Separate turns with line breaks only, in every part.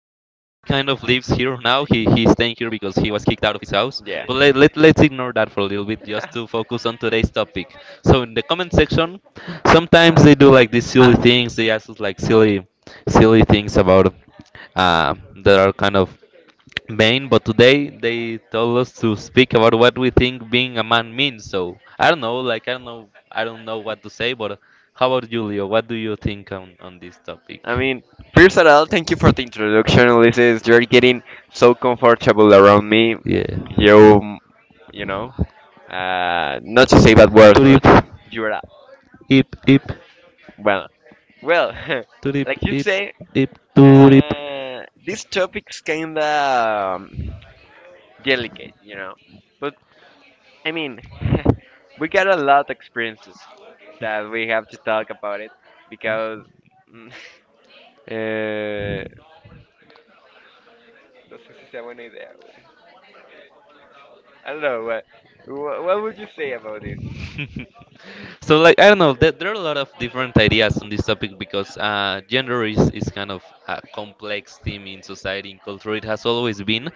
of lives here now. He's staying here because he was kicked out of his house. But
Yeah.
let's ignore that for a little bit just to focus on today's topic. So in the comment section,
Uh,
sometimes they do like these silly
uh,
things. They ask us like silly silly things about uh, that are kind of Main, but today they told us to speak about what we think being a man means. So I don't know, I don't know what to say. But how about you, Leo? What do you think on this topic?
I mean, first of all, thank you for the introduction, Ulysses. You're getting so comfortable around me.
Yeah.
You, you know, Not to say bad words, but
Turip,
you're
ip, ip,
well, well,
turip,
like you
ip,
say,
ip, turip.
uh, this topic's kinda um, delicate, But I mean, we got a lot of experiences that we have to talk about it because Eh, no sé si sea buena idea, güey. I don't know, what would you say about this?
It? So like I don't know, there are a lot of different ideas on this topic because gender is kind of a complex theme in society in culture. It has always been,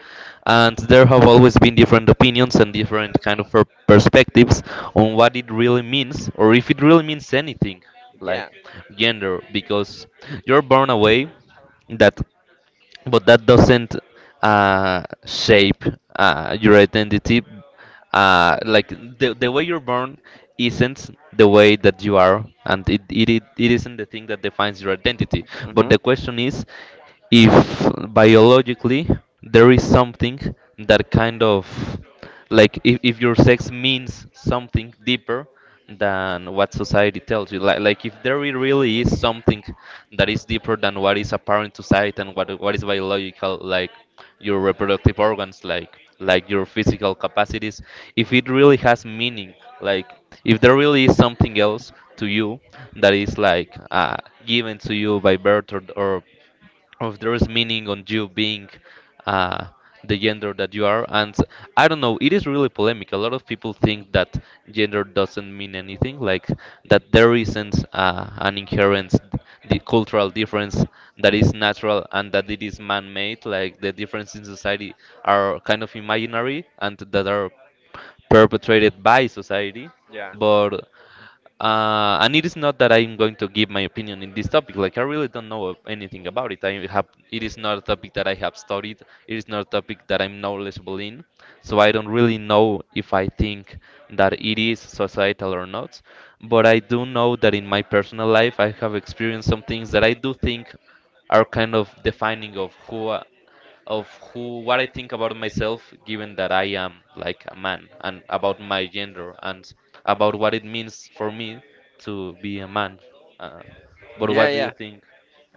and there have always been different opinions and different kind of perspectives on what it really means or if it really means anything, like
Yeah,
gender, because you're born away that but that doesn't shape your identity. Like the way you're born isn't the way that you are, and it isn't the thing that defines your identity. But
hmm,
the question is if biologically there is something that kind of like if your sex means something deeper than what society tells you. Like if there really is something that is deeper than what is apparent to sight and what is biological, like your reproductive organs, like your physical capacities, if it really has meaning, like if there really is something else to you that is like given to you by birth or if there's meaning on you being uh, the gender that you are. And I don't know, it is really polemic. A lot of people think that gender doesn't mean anything, like that there isn't an inherent the cultural difference that is natural and that it is man-made. Like the differences in society are kind of imaginary and that are perpetrated by society.
yeah.
But and it is not that I'm going to give my opinion in this topic. Like I really don't know of anything about it. I have it is not a topic that I have studied. It is not a topic that I'm knowledgeable in. So I don't really know if I think that it is societal or not. But I do know that in my personal life I have experienced some things that I do think are kind of defining of of who what I think about myself given that I am like a man and about my gender and about what it means for me to be a man. Uh, but
Yeah,
what do you
yeah.
think?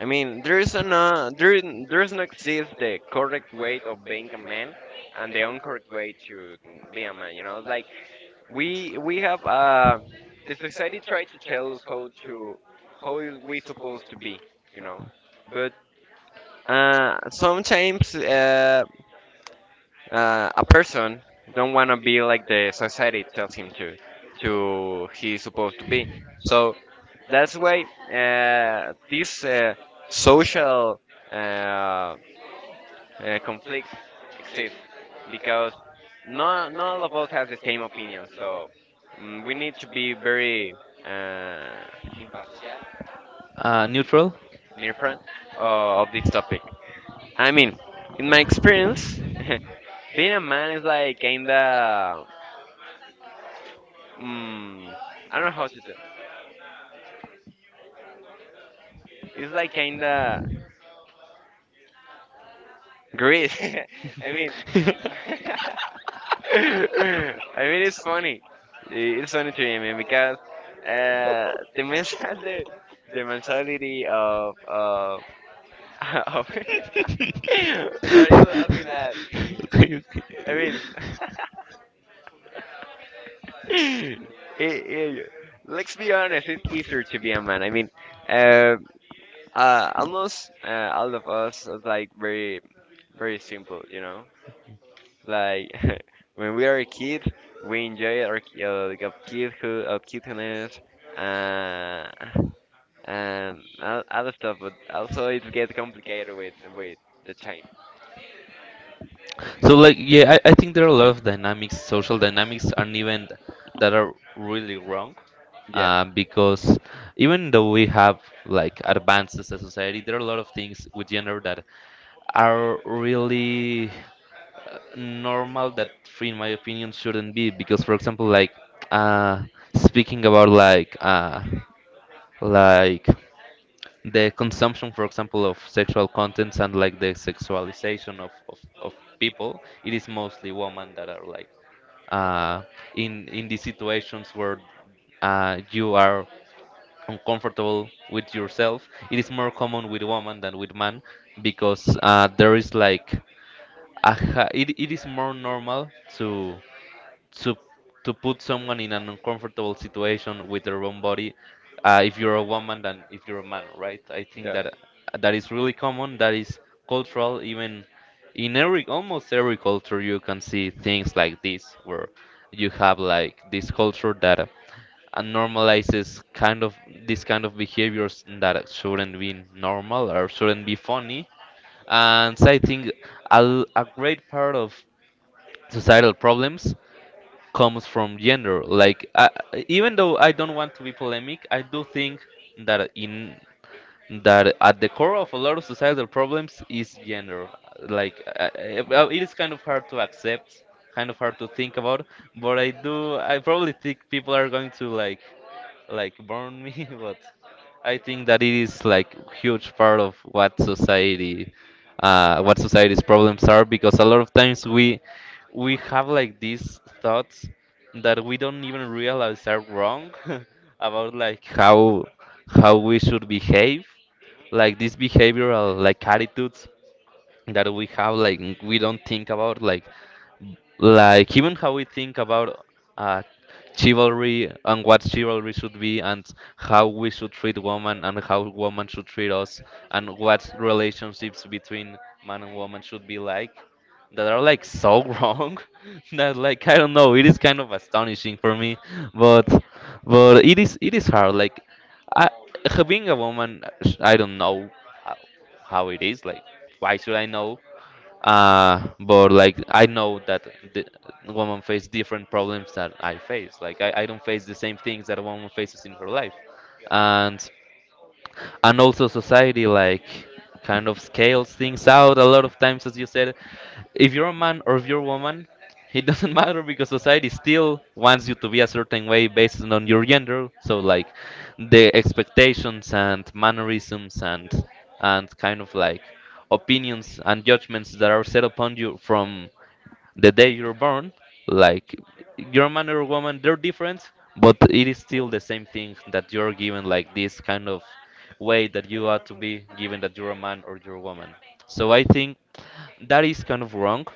I mean, there is there there's not exist the correct way of being a man and the incorrect way to be a man. You know, it's like we have the society tried to tell us how is we supposed to be. You know, but sometimes a person don't want to be like the society tells him to he's supposed to be, so that's why these social uh, conflicts exist because not all of us have the same opinion. So we need to be very uh,
Neutral?
near front of this topic. I mean, in my experience, being a man is like kinda mm, I don't know how to do. It's like kinda great. I mean, it's funny. It's funny to me, I mean, because the mental the mentality of of what are you laughing at?
I
I mean, it, it, let's be honest. It's easier to be a man. I mean, uh, almost all of us is like very very simple, Like when we are kids, we enjoy our like, of kidhood, of cuteness, uh, and other stuff. But also, it gets complicated with the time.
so like yeah, I think there are a lot of dynamics, social dynamics, and even that are really wrong.
Yeah.
Uh,
Yes.
because even though we have like advances as a society, there are a lot of things with gender that are really normal that, free in my opinion, shouldn't be. Because for example, like uh, speaking about like the consumption, for example, of sexual contents and like the sexualization of people, it is mostly women that are like uh, in these situations where you are uncomfortable with yourself. It is more common with women than with men because there is like a, hi- it is more normal to to put someone in an uncomfortable situation with their own body if you're a woman than if you're a man, right? I think that that is really common, that is cultural even, in every almost every culture. You can see things like this where you have like this culture that normalizes kind of this kind of behaviors that shouldn't be normal or shouldn't be funny. And so I think a, l- a great part of societal problems comes from gender. Like even though I don't want to be polemic, I do think that in that at the core of a lot of societal problems is gender. Like it is kind of hard to accept, kind of hard to think about, but I do. I probably think people are going to like burn me, but I think that it is like huge part of what society what society's problems are because a lot of times we have like these thoughts that we don't even realize are wrong about like how we should behave, like these behavioral like attitudes that we have, like we don't think about like even how we think about uh, chivalry and what chivalry should be and how we should treat women and how women should treat us and what relationships between man and woman should be like, that are like so wrong that like I don't know, it is kind of astonishing for me. but but it is hard like I, being a woman I don't know how, how it is like why should I know, but like I know that the woman face different problems that I face. Like I don't face the same things that a woman faces in her life, and and also society like kind of scales things out a lot of times, as you said, if you're a man or if you're a woman, it doesn't matter because society still wants you to be a certain way based on your gender. So like the expectations and mannerisms and kind of like opinions and judgments that are set upon you from the day you're born, like your man or woman, they're different, but it is still the same thing that you're given, like this kind of way that you ought to be given that you're a man or you're a woman. So I think that is kind of wrong,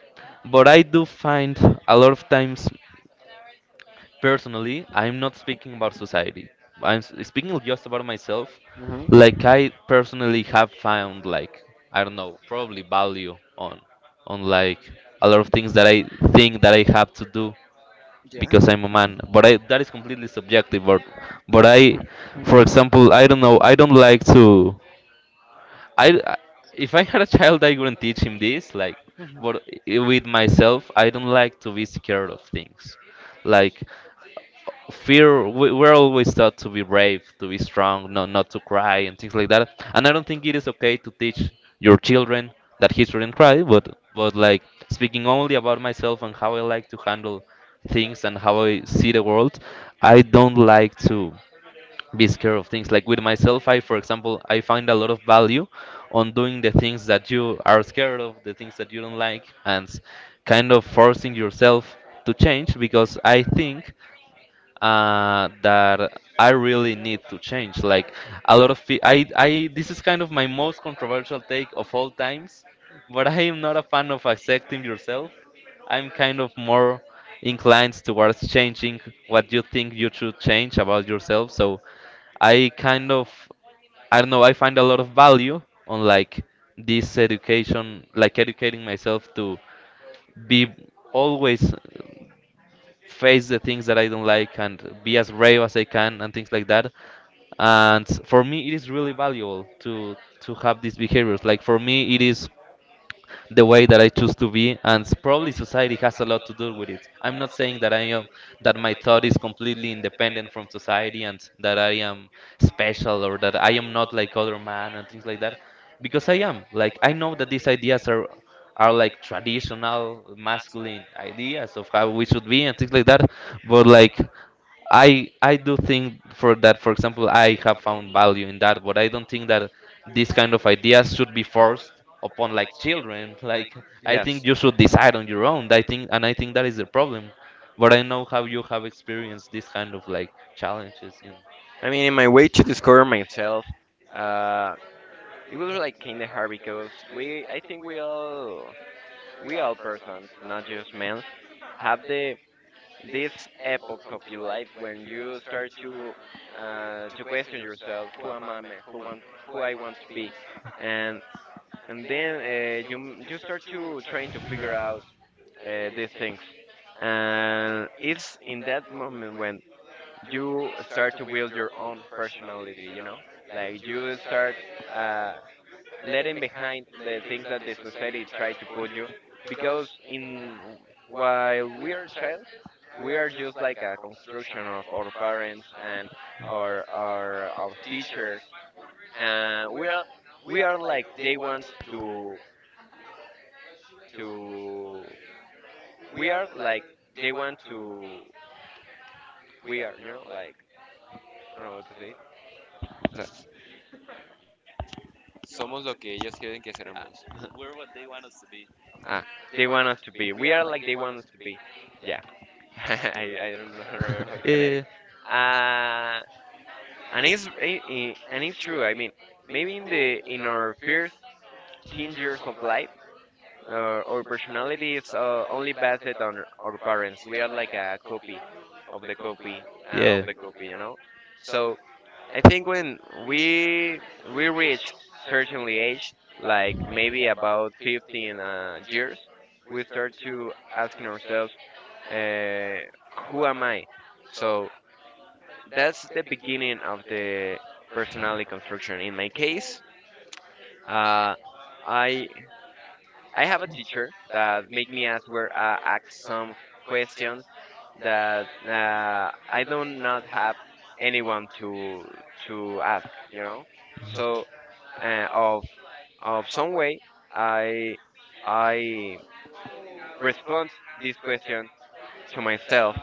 but I do find a lot of times personally, I'm not speaking about society. I'm s- speaking just about myself.
Hmm.
Like I personally have found like I don't know, probably value on like a lot of things that I think that I have to do because I'm a man. But I that is completely subjective. But for example, I don't know. I don't like to. I- if I had a child, I wouldn't teach him this. Like, but I- with myself, I don't like to be scared of things. Like fear we're always taught to be brave, to be strong, not to cry and things like that, and I don't think it is okay to teach your children that he shouldn't cry. But like speaking only about myself and how I like to handle things and how I see the world, I don't like to be scared of things. Like with myself, I for example I find a lot of value on doing the things that you are scared of, the things that you don't like, and s- kind of forcing yourself to change because I think that I really need to change. Like a lot of pe- I this is kind of my most controversial take of all times, but I am not a fan of accepting yourself. I'm kind of more inclined towards changing what you think you should change about yourself. So I kind of I don't know, I find a lot of value on like this education, like educating myself to be always face the things that I don't like and be as brave as I can and things like that. And for me, it is really valuable to have these behaviors. Like for me, it is the way that I choose to be, and s- probably society has a lot to do with it. I'm not saying that I am that my thought is completely independent from society and that I am special or that I am not like other man and things like that, because I am. Like I know that these ideas are like traditional masculine ideas of how we should be and things like that, but like I do think for that, for example, I have found value in that, but I don't think that these kind of ideas should be forced upon like children. Like I
Yes.
think you should decide on your own. I think and I think that is the problem. But I know how you have experienced this kind of like challenges in
I mean, in my way to discover myself, uh, it was like kind of hard because I think we all persons, not just males, have the this epoch of your life when you start to question yourself, who am I, man? Who I want to be, and then you start to trying to figure out these things, and it's in that moment when you start to build your own personality, like you start. Uh, Letting behind the things that the society try to put you, because in while we are child we are just like a construction of our parents and our teachers. And we are like they want to to we are like they want to we are, I don't know what to say. Somos lo que ellos quieren que seremos. ah they want us to be, we are like they want us to be, yeah. I, I don't know remember how
yeah,
to connect it.
yeah,
Uh, and and it's true. I mean, maybe in the in our first teen years of life, our personality is only based on our parents. We are like a copy of the copy, of
yeah.
the copy. So I think when we we reach certainly age, like maybe about 15 years, we start to asking ourselves, uh, who am I? So that's the beginning of the personality construction. In my case, uh, I I have a teacher that make me ask some questions that I do not have anyone to ask. You know, so uh, of of some way, i I respond this question to myself,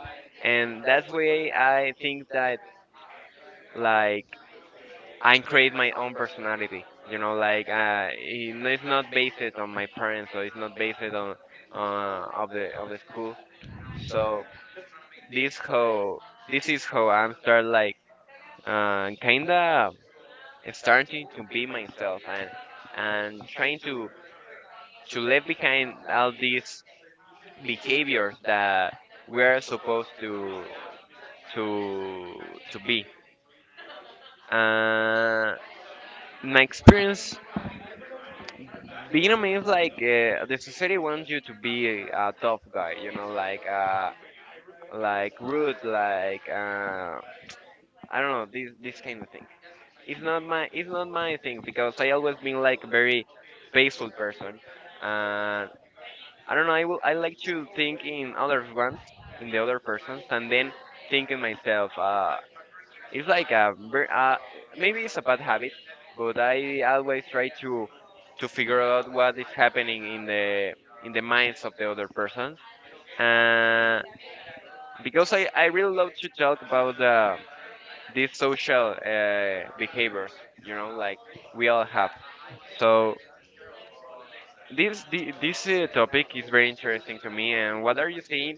and that's way I think that like I create my own personality, it's not based on my parents, so it's not based on of the school. So this how this is how I'm start like, kind of starting to be myself, and trying to leave behind all these behaviors that we're supposed to to be. Uh, in my experience, being a man is like, the society wants you to be a tough guy. You know, like, like rude, like, I don't know, this kind of thing. It's not my thing, because I always been like a very peaceful person. And I don't know. I like to think in other ones, in the other persons, and then think in myself. It's like maybe it's a bad habit, but I always try to figure out what is happening in the minds of the other persons. Uh, because I really love to talk about, these social, behaviors, like we all have. So this, topic is very interesting to me, and what are you seeing,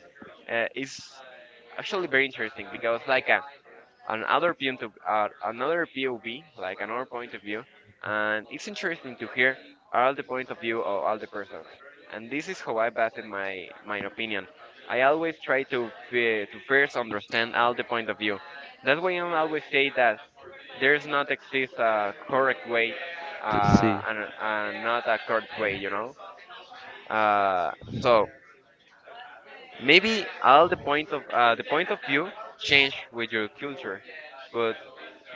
is actually very interesting, because like, another POV, like another point of view, and it's interesting to hear all the point of view of all the persons. And this is how I base my opinion. I always try to first understand all the point of view. That's why I always say that there's not
Exist.
exists a correct way,
Let's see.
and not a correct way, you know. Uh, so maybe all the point of view change with your culture, but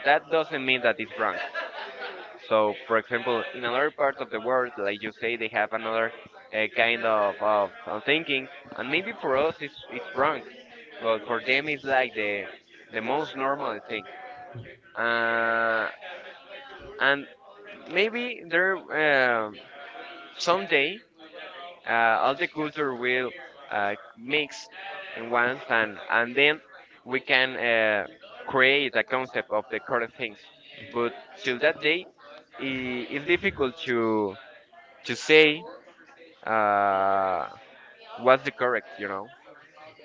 that doesn't mean that it's wrong. So, for example, in another part of the world, like you say, they have another, kind of thinking, and maybe for us it's wrong, but for them it's like the most normal thing. Uh, and maybe there, um someday, uh, all the culture will, mix in, one sand, and then we can, create a concept of the correct things. But till that day, it's difficult to say, uh, what's the correct. You know,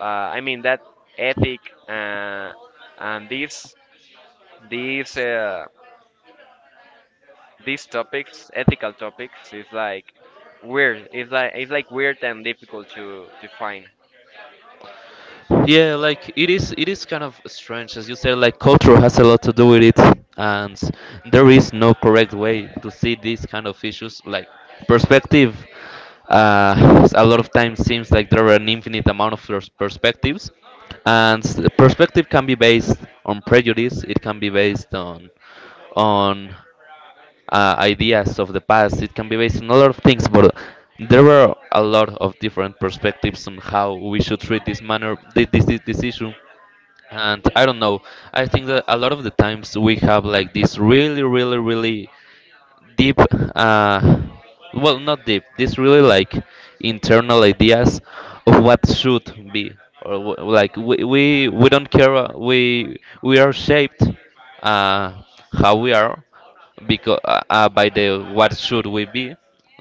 I mean that ethic, uh, and these uh, these topics, ethical topics, is like weird. It's like weird and difficult to define.
Yeah, like it is kind of strange as you said, like culture has a lot to do with it, and there is no correct way to see these kind of issues like perspective. A lot of times seems like there are an infinite amount of perspectives, and the perspective can be based on prejudice, it can be based on on ideas of the past. It can be based on a lot of things, but there were a lot of different perspectives on how we should treat this manner, this issue. And I don't know. I think that a lot of the times we have like this really, really, really deep uh, well, not deep, this really like internal ideas of what should be. Or like we don't care, we are shaped uh, how we are because by the what should we be.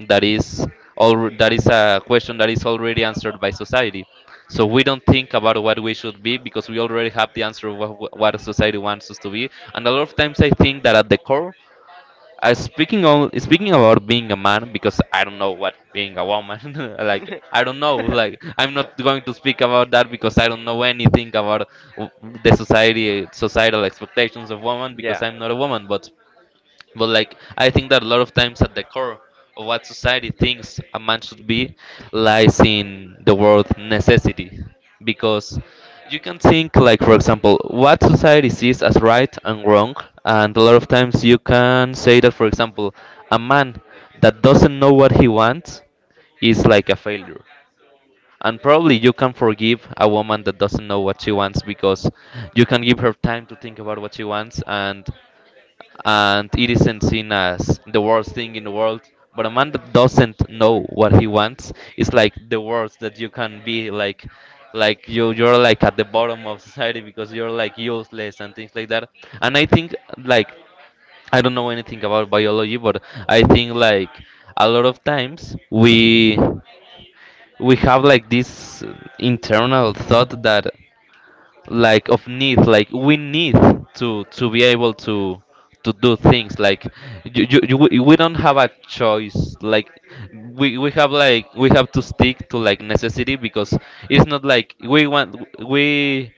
That is all. That is a question that is already answered by society, so we don't think about what we should be because we already have the answer of what society wants us to be. And a lot of times I think that at the core, speaking about being a man, because I don't know what being a woman. Like
Like,
I don't know. Like I'm not going to speak about that because I don't know anything about w- the society societal expectations of women
yeah,
because I'm not a woman. But like I think that a lot of times at the core of what society thinks a man should be lies in the word necessity. Because you can think like, for example, what society sees as right and wrong, and a lot of times you can say that, for example, a man that doesn't know what he wants is like a failure. And probably you can forgive a woman that doesn't know what she wants because you can give her time to think about what she wants, and it isn't seen as the worst thing in the world. But a man that doesn't know what he wants is like the worst that you can be, like you're like at the bottom of society because you're like useless and things like that. And I think like I don't know anything about biology, but I think like a lot of times we have like this internal thought that like of need, like we need to be able to do things like we don't have a choice, like we have like we have to stick to like necessity because it's not like we want, we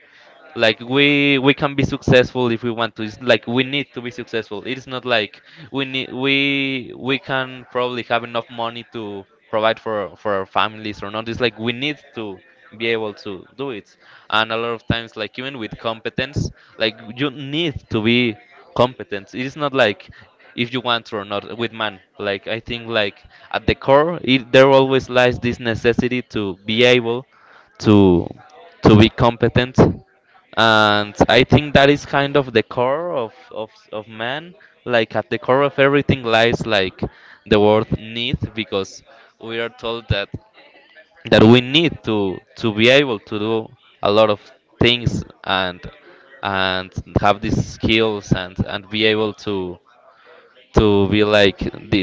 like we can be successful if we want to. It's like we need to be successful. It's not like we need we can probably have enough money to provide for our families or not. It's like we need to be able to do it. And a lot of times like even with competence, like you need to be competent. It's not like if you want to or not. With man, like I think like at the core it, there always lies this necessity to be able to to be competent. And I think that is kind of the core of man. Like at the core of everything lies like the word need, because we are told that that we need to be able to do a lot of things, and have these skills and be able to be like the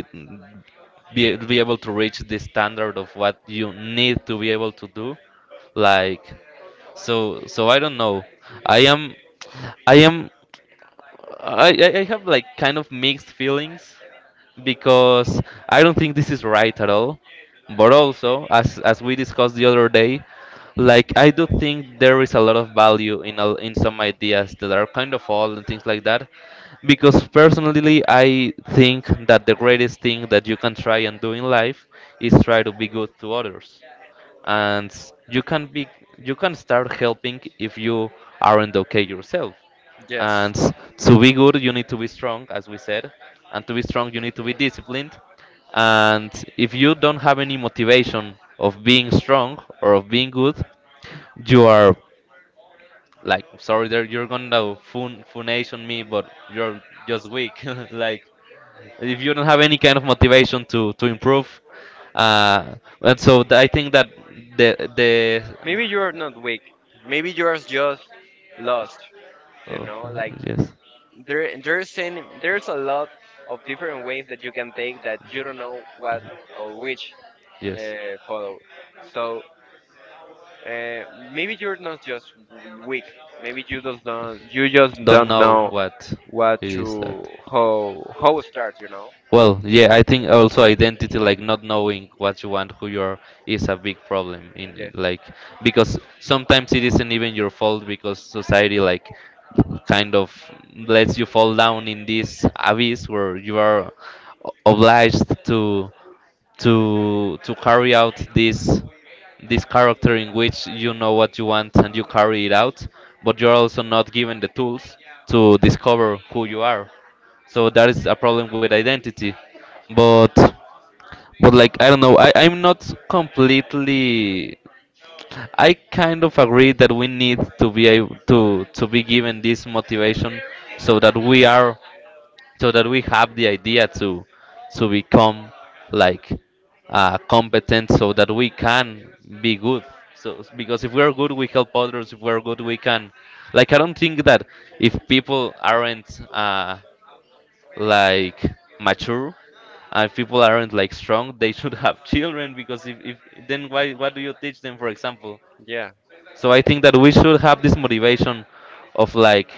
be able to reach the standard of what you need to be able to do like. So so I don't know. I am I am I have like kind of mixed feelings because I don't think this is right at all. But also, as we discussed the other day, like I do think there is a lot of value in all in some ideas that are kind of old and things like that. Because personally, I think that the greatest thing that you can try and do in life is try to be good to others. And you can be you can start helping if you aren't okay yourself.
yeah.
And to be good, you need to be strong, as we said. And to be strong, you need to be disciplined. And if you don't have any motivation of being strong or of being good, you are like, sorry, there you're gonna fun funation me, but you're just weak. Like, if you don't have any kind of motivation to improve, uh, and so I think that the
Maybe you're not weak. Maybe you're just lost. You
Oh,
know, like
yes.
there's a lot of different ways that you can take that you don't know what or which,
Yes,
follow. So, uh, maybe you're not just weak. Maybe you just don't
know
know
what
what
it is
to
that.
how start. You know.
Well, yeah, I think also identity, like not knowing what you want, who you are, is a big problem.
Yeah.
Like because sometimes it isn't even your fault because society like kind of lets you fall down in this abyss where you are obliged to to carry out this this character in which you know what you want and you carry it out, but you're also not given the tools to discover who you are. So that is a problem with identity. But but like I don't know, I'm not completely I kind of agree that we need to be able to be given this motivation so that we are so that we have the idea to become like competent so that we can be good. So because if we are good, we help others. If we are good, we can like I don't think that if people aren't like mature, and people aren't like strong, they should have children because if then why, what do you teach them, for example?
Yeah.
So I think that we should have this motivation of like,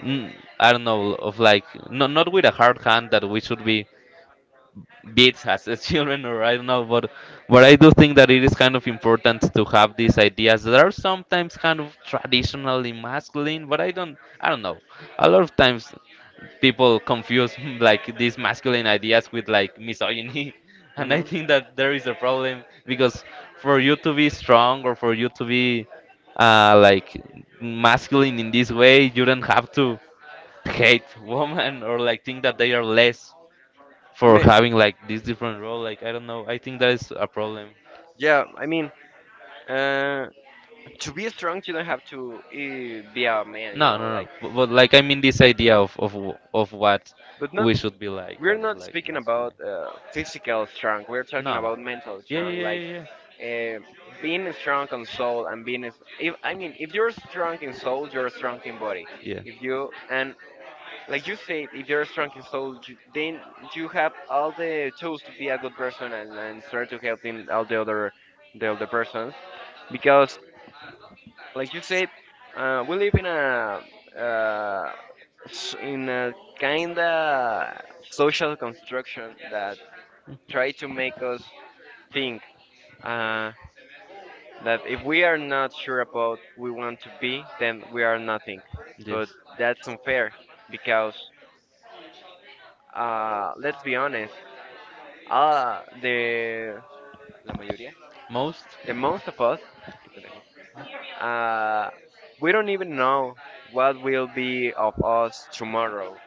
I I don't know, of like, no, not with a hard hand that we should be beats as a children or I don't know, but I do think that it is kind of important to have these ideas that are sometimes kind of traditionally masculine, but I don't know. A lot of times people confuse like these masculine ideas with like misogyny. And
And,
I think that
hmm.
there is a problem because for you to be strong or for you to be like masculine in this way, you don't have to hate women or like think that they are less for
Ma-
having like this different role. Like I don't know. I think that is a problem.
yeah, I mean, uh, to be strong, you don't have to, be a man, you
No,
know,
no, no.
like.
But like I mean this idea of of what
But not,
we should be like
We're
and
not
like
speaking
masculine.
about, physical strength. We're talking
No.
about mental, yeah,
Yeah, yeah,
strength,
yeah,
like,
yeah, yeah.
uh,
Yeah.
being strong
Mm.
on soul and being. If I mean, if you're strong in soul, you're strong in body. If you And like you said, if you're strong in soul, then you have all the tools to be a good person and start to helping all the other persons, because, like you said, we live in a, uh, in a kind of social construction that try to make us think, uh, that if we are not sure about we want to be, then we are nothing. But
Yes.
that's unfair, because, let's be honest, uh the
Most?
the most of us, uh we don't even know what will be of us tomorrow,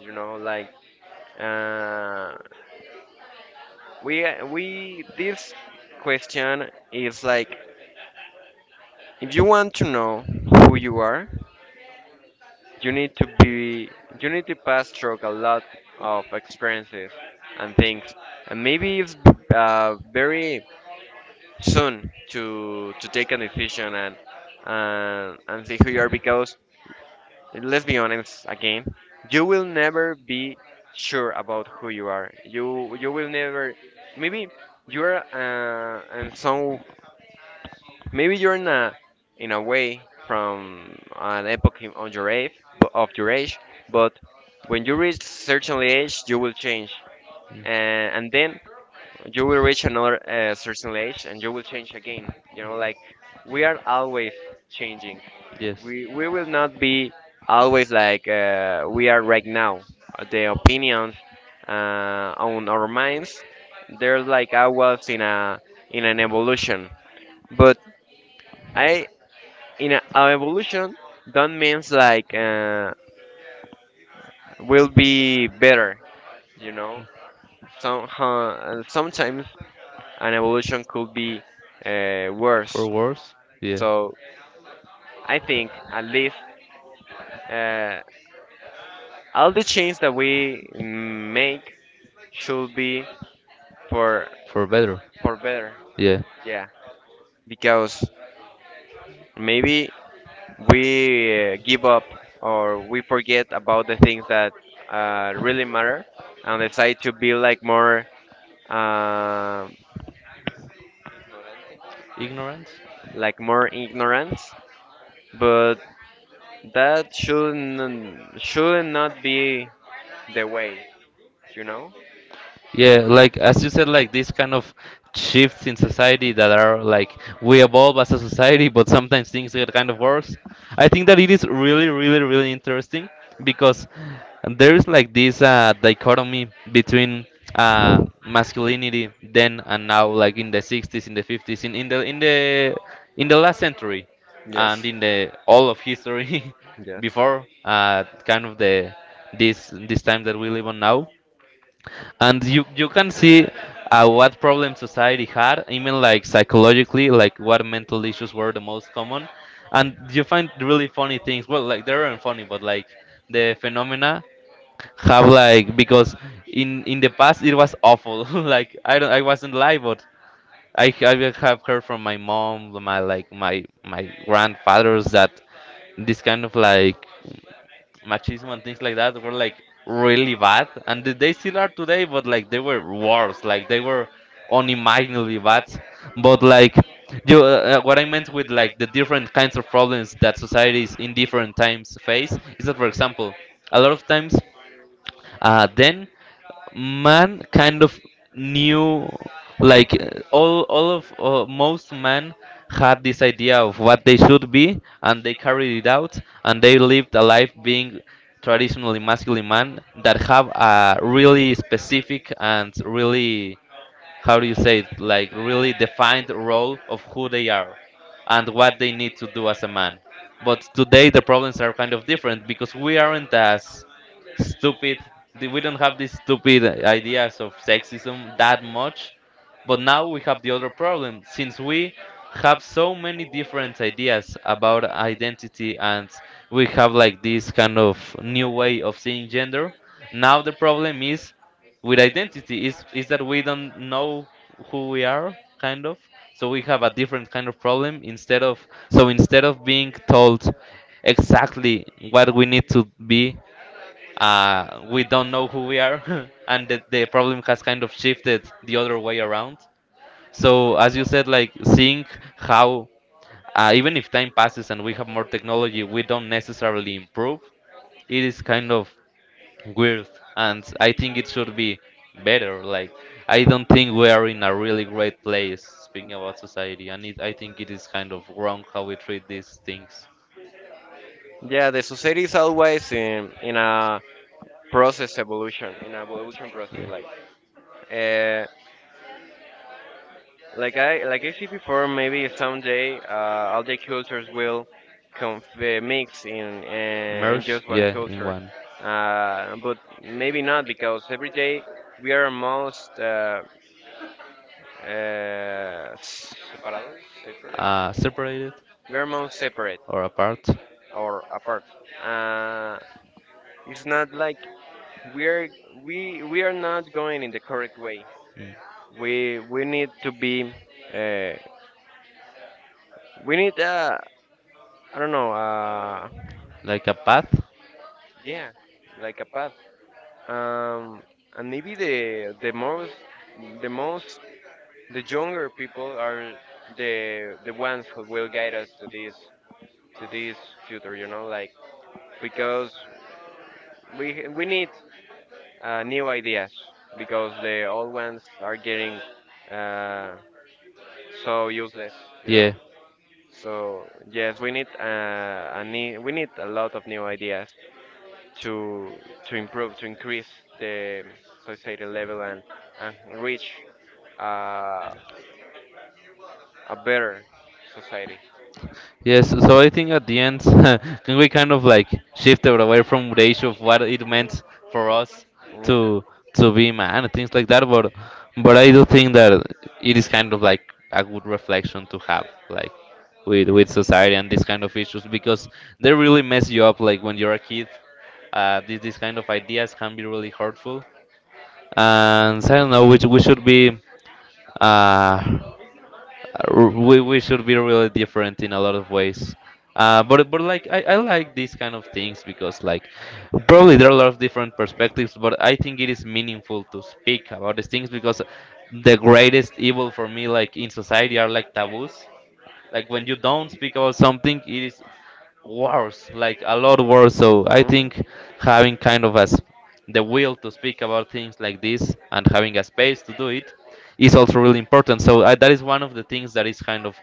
you know, like, uh we we this question is like, if you want to know who you are, you need to be you need to pass through a lot of experiences and things, and maybe it's, very soon to take a decision, and and see who you are. Because, let's be honest again, you will never be sure about who you are. You will never, maybe you're, and so maybe you're in a way from an epoch, on your age of your age. But when you reach certain age you will change, and then you will reach another, certain age, and you will change again, you know
Mm.
like we are always changing.
Yes.
We will not be always like, we are right now. The opinions, on our minds, they're like I was in an evolution, but i our evolution don't means like, will be better, you know. So, sometimes an evolution could be,
For
worse.
worse? Yeah.
So I think at least, uh, all the change that we make should be for
For better?
better.
Yeah.
Yeah, because maybe we, give up or we forget about the things that, really matter, and decide to be uh,
Ignorance?
like more ignorance. But that should not be the way, you know?
Yeah, like as you said, like these kind of shifts in society that are like we evolve as a society, but sometimes things get kind of worse. I think that it is really, really, really interesting because there is like this dichotomy between masculinity then and now, like in the 60s, in the 50s, in the last century, and
Yes.
in the all of history
Yes.
before kind of the this time that we live on now. And you can see what problem society had, even like psychologically, like what mental issues were the most common. And you find really funny things, well like they weren't funny, but like the phenomena have like because in the past it was awful. Like I don't, I wasn't live, but I have heard from my mom, my like my grandfathers, that this kind of like machismo and things like that were like really bad, and they still are today, but like they were worse, like they were unimaginably bad. But like what I meant with like the different kinds of problems that societies in different times face is that, for example, a lot of times. Then man kind of knew like all of most men had this idea of what they should be, and they carried it out, and they lived a life being traditionally masculine man that have a really specific and really, how do you say it, like really defined role of who they are and what they need to do as a man. But today the problems are kind of different because we aren't as stupid. We don't have these stupid ideas of sexism that much, but now we have the other problem. Since we have so many different ideas about identity, and we have like this kind of new way of seeing gender, now the problem is with identity is that we don't know who we are, kind of. So we have a different kind of problem instead of instead of being told exactly what we need to be, we don't know who we are. And the problem has kind of shifted the other way around. So as you said, like seeing how, even if time passes and we have more technology, we don't necessarily improve. It is kind of weird, and I think it should be better, like I don't think we are in a really great place speaking about society, and it, I think it is kind of wrong how we treat these things.
Yeah, the society is always in a process evolution, in a evolution process. Like, uh, like I said before, maybe someday, all the cultures will, mix in, in
Merge,
just one
yeah, in
culture,
one.
but maybe not, because every day we are most, uh, separados, separate,
Separated
we are most separate
or apart.
or apart. Uh, it's not like we're we are not going in the correct way.
Mm.
We need to be uh, we need, I don't know,
Like a path.
yeah, like a path. um and maybe the most the younger people are the ones who will guide us to this future, you know, like, because we need, new ideas, because the old ones are getting, uh, so useless, you know.
Yeah.
So yes, we need, we need a lot of new ideas to improve, to increase the society level, and reach, uh, a better society.
Yes, so I think at the end, can we kind of like shift it away from the issue of what it meant for us
Mm.
to to be man and things like that, but I do think that it is kind of like a good reflection to have, like with society and these kind of issues because they really mess you up. Like when you're a kid, these kind of ideas can be really hurtful, and I don't know. We should be uh, we should be really different in a lot of ways. But like I like these kind of things because like probably there are a lot of different perspectives. But I think it is meaningful to speak about these things because the greatest evil for me like in society are like taboos. Like when you don't speak about something, it is worse, like a lot worse. So I
Mhm.
think having kind of as the will to speak about things like this and having a space to do it is also really important. So I, that is one of the things that is kind of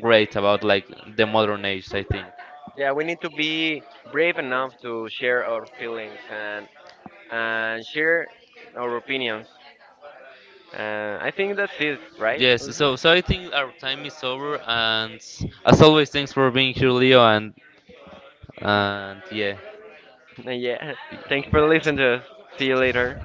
great about like the modern age, I think.
Yeah, we need to be brave enough to share our feelings and share our opinions. I think that's it, right,
Yes,
Ulises?
so so I think our time is over, and as always, thanks for being here, Leo, and yeah.
Yeah. Thanks for listening to us. See you later.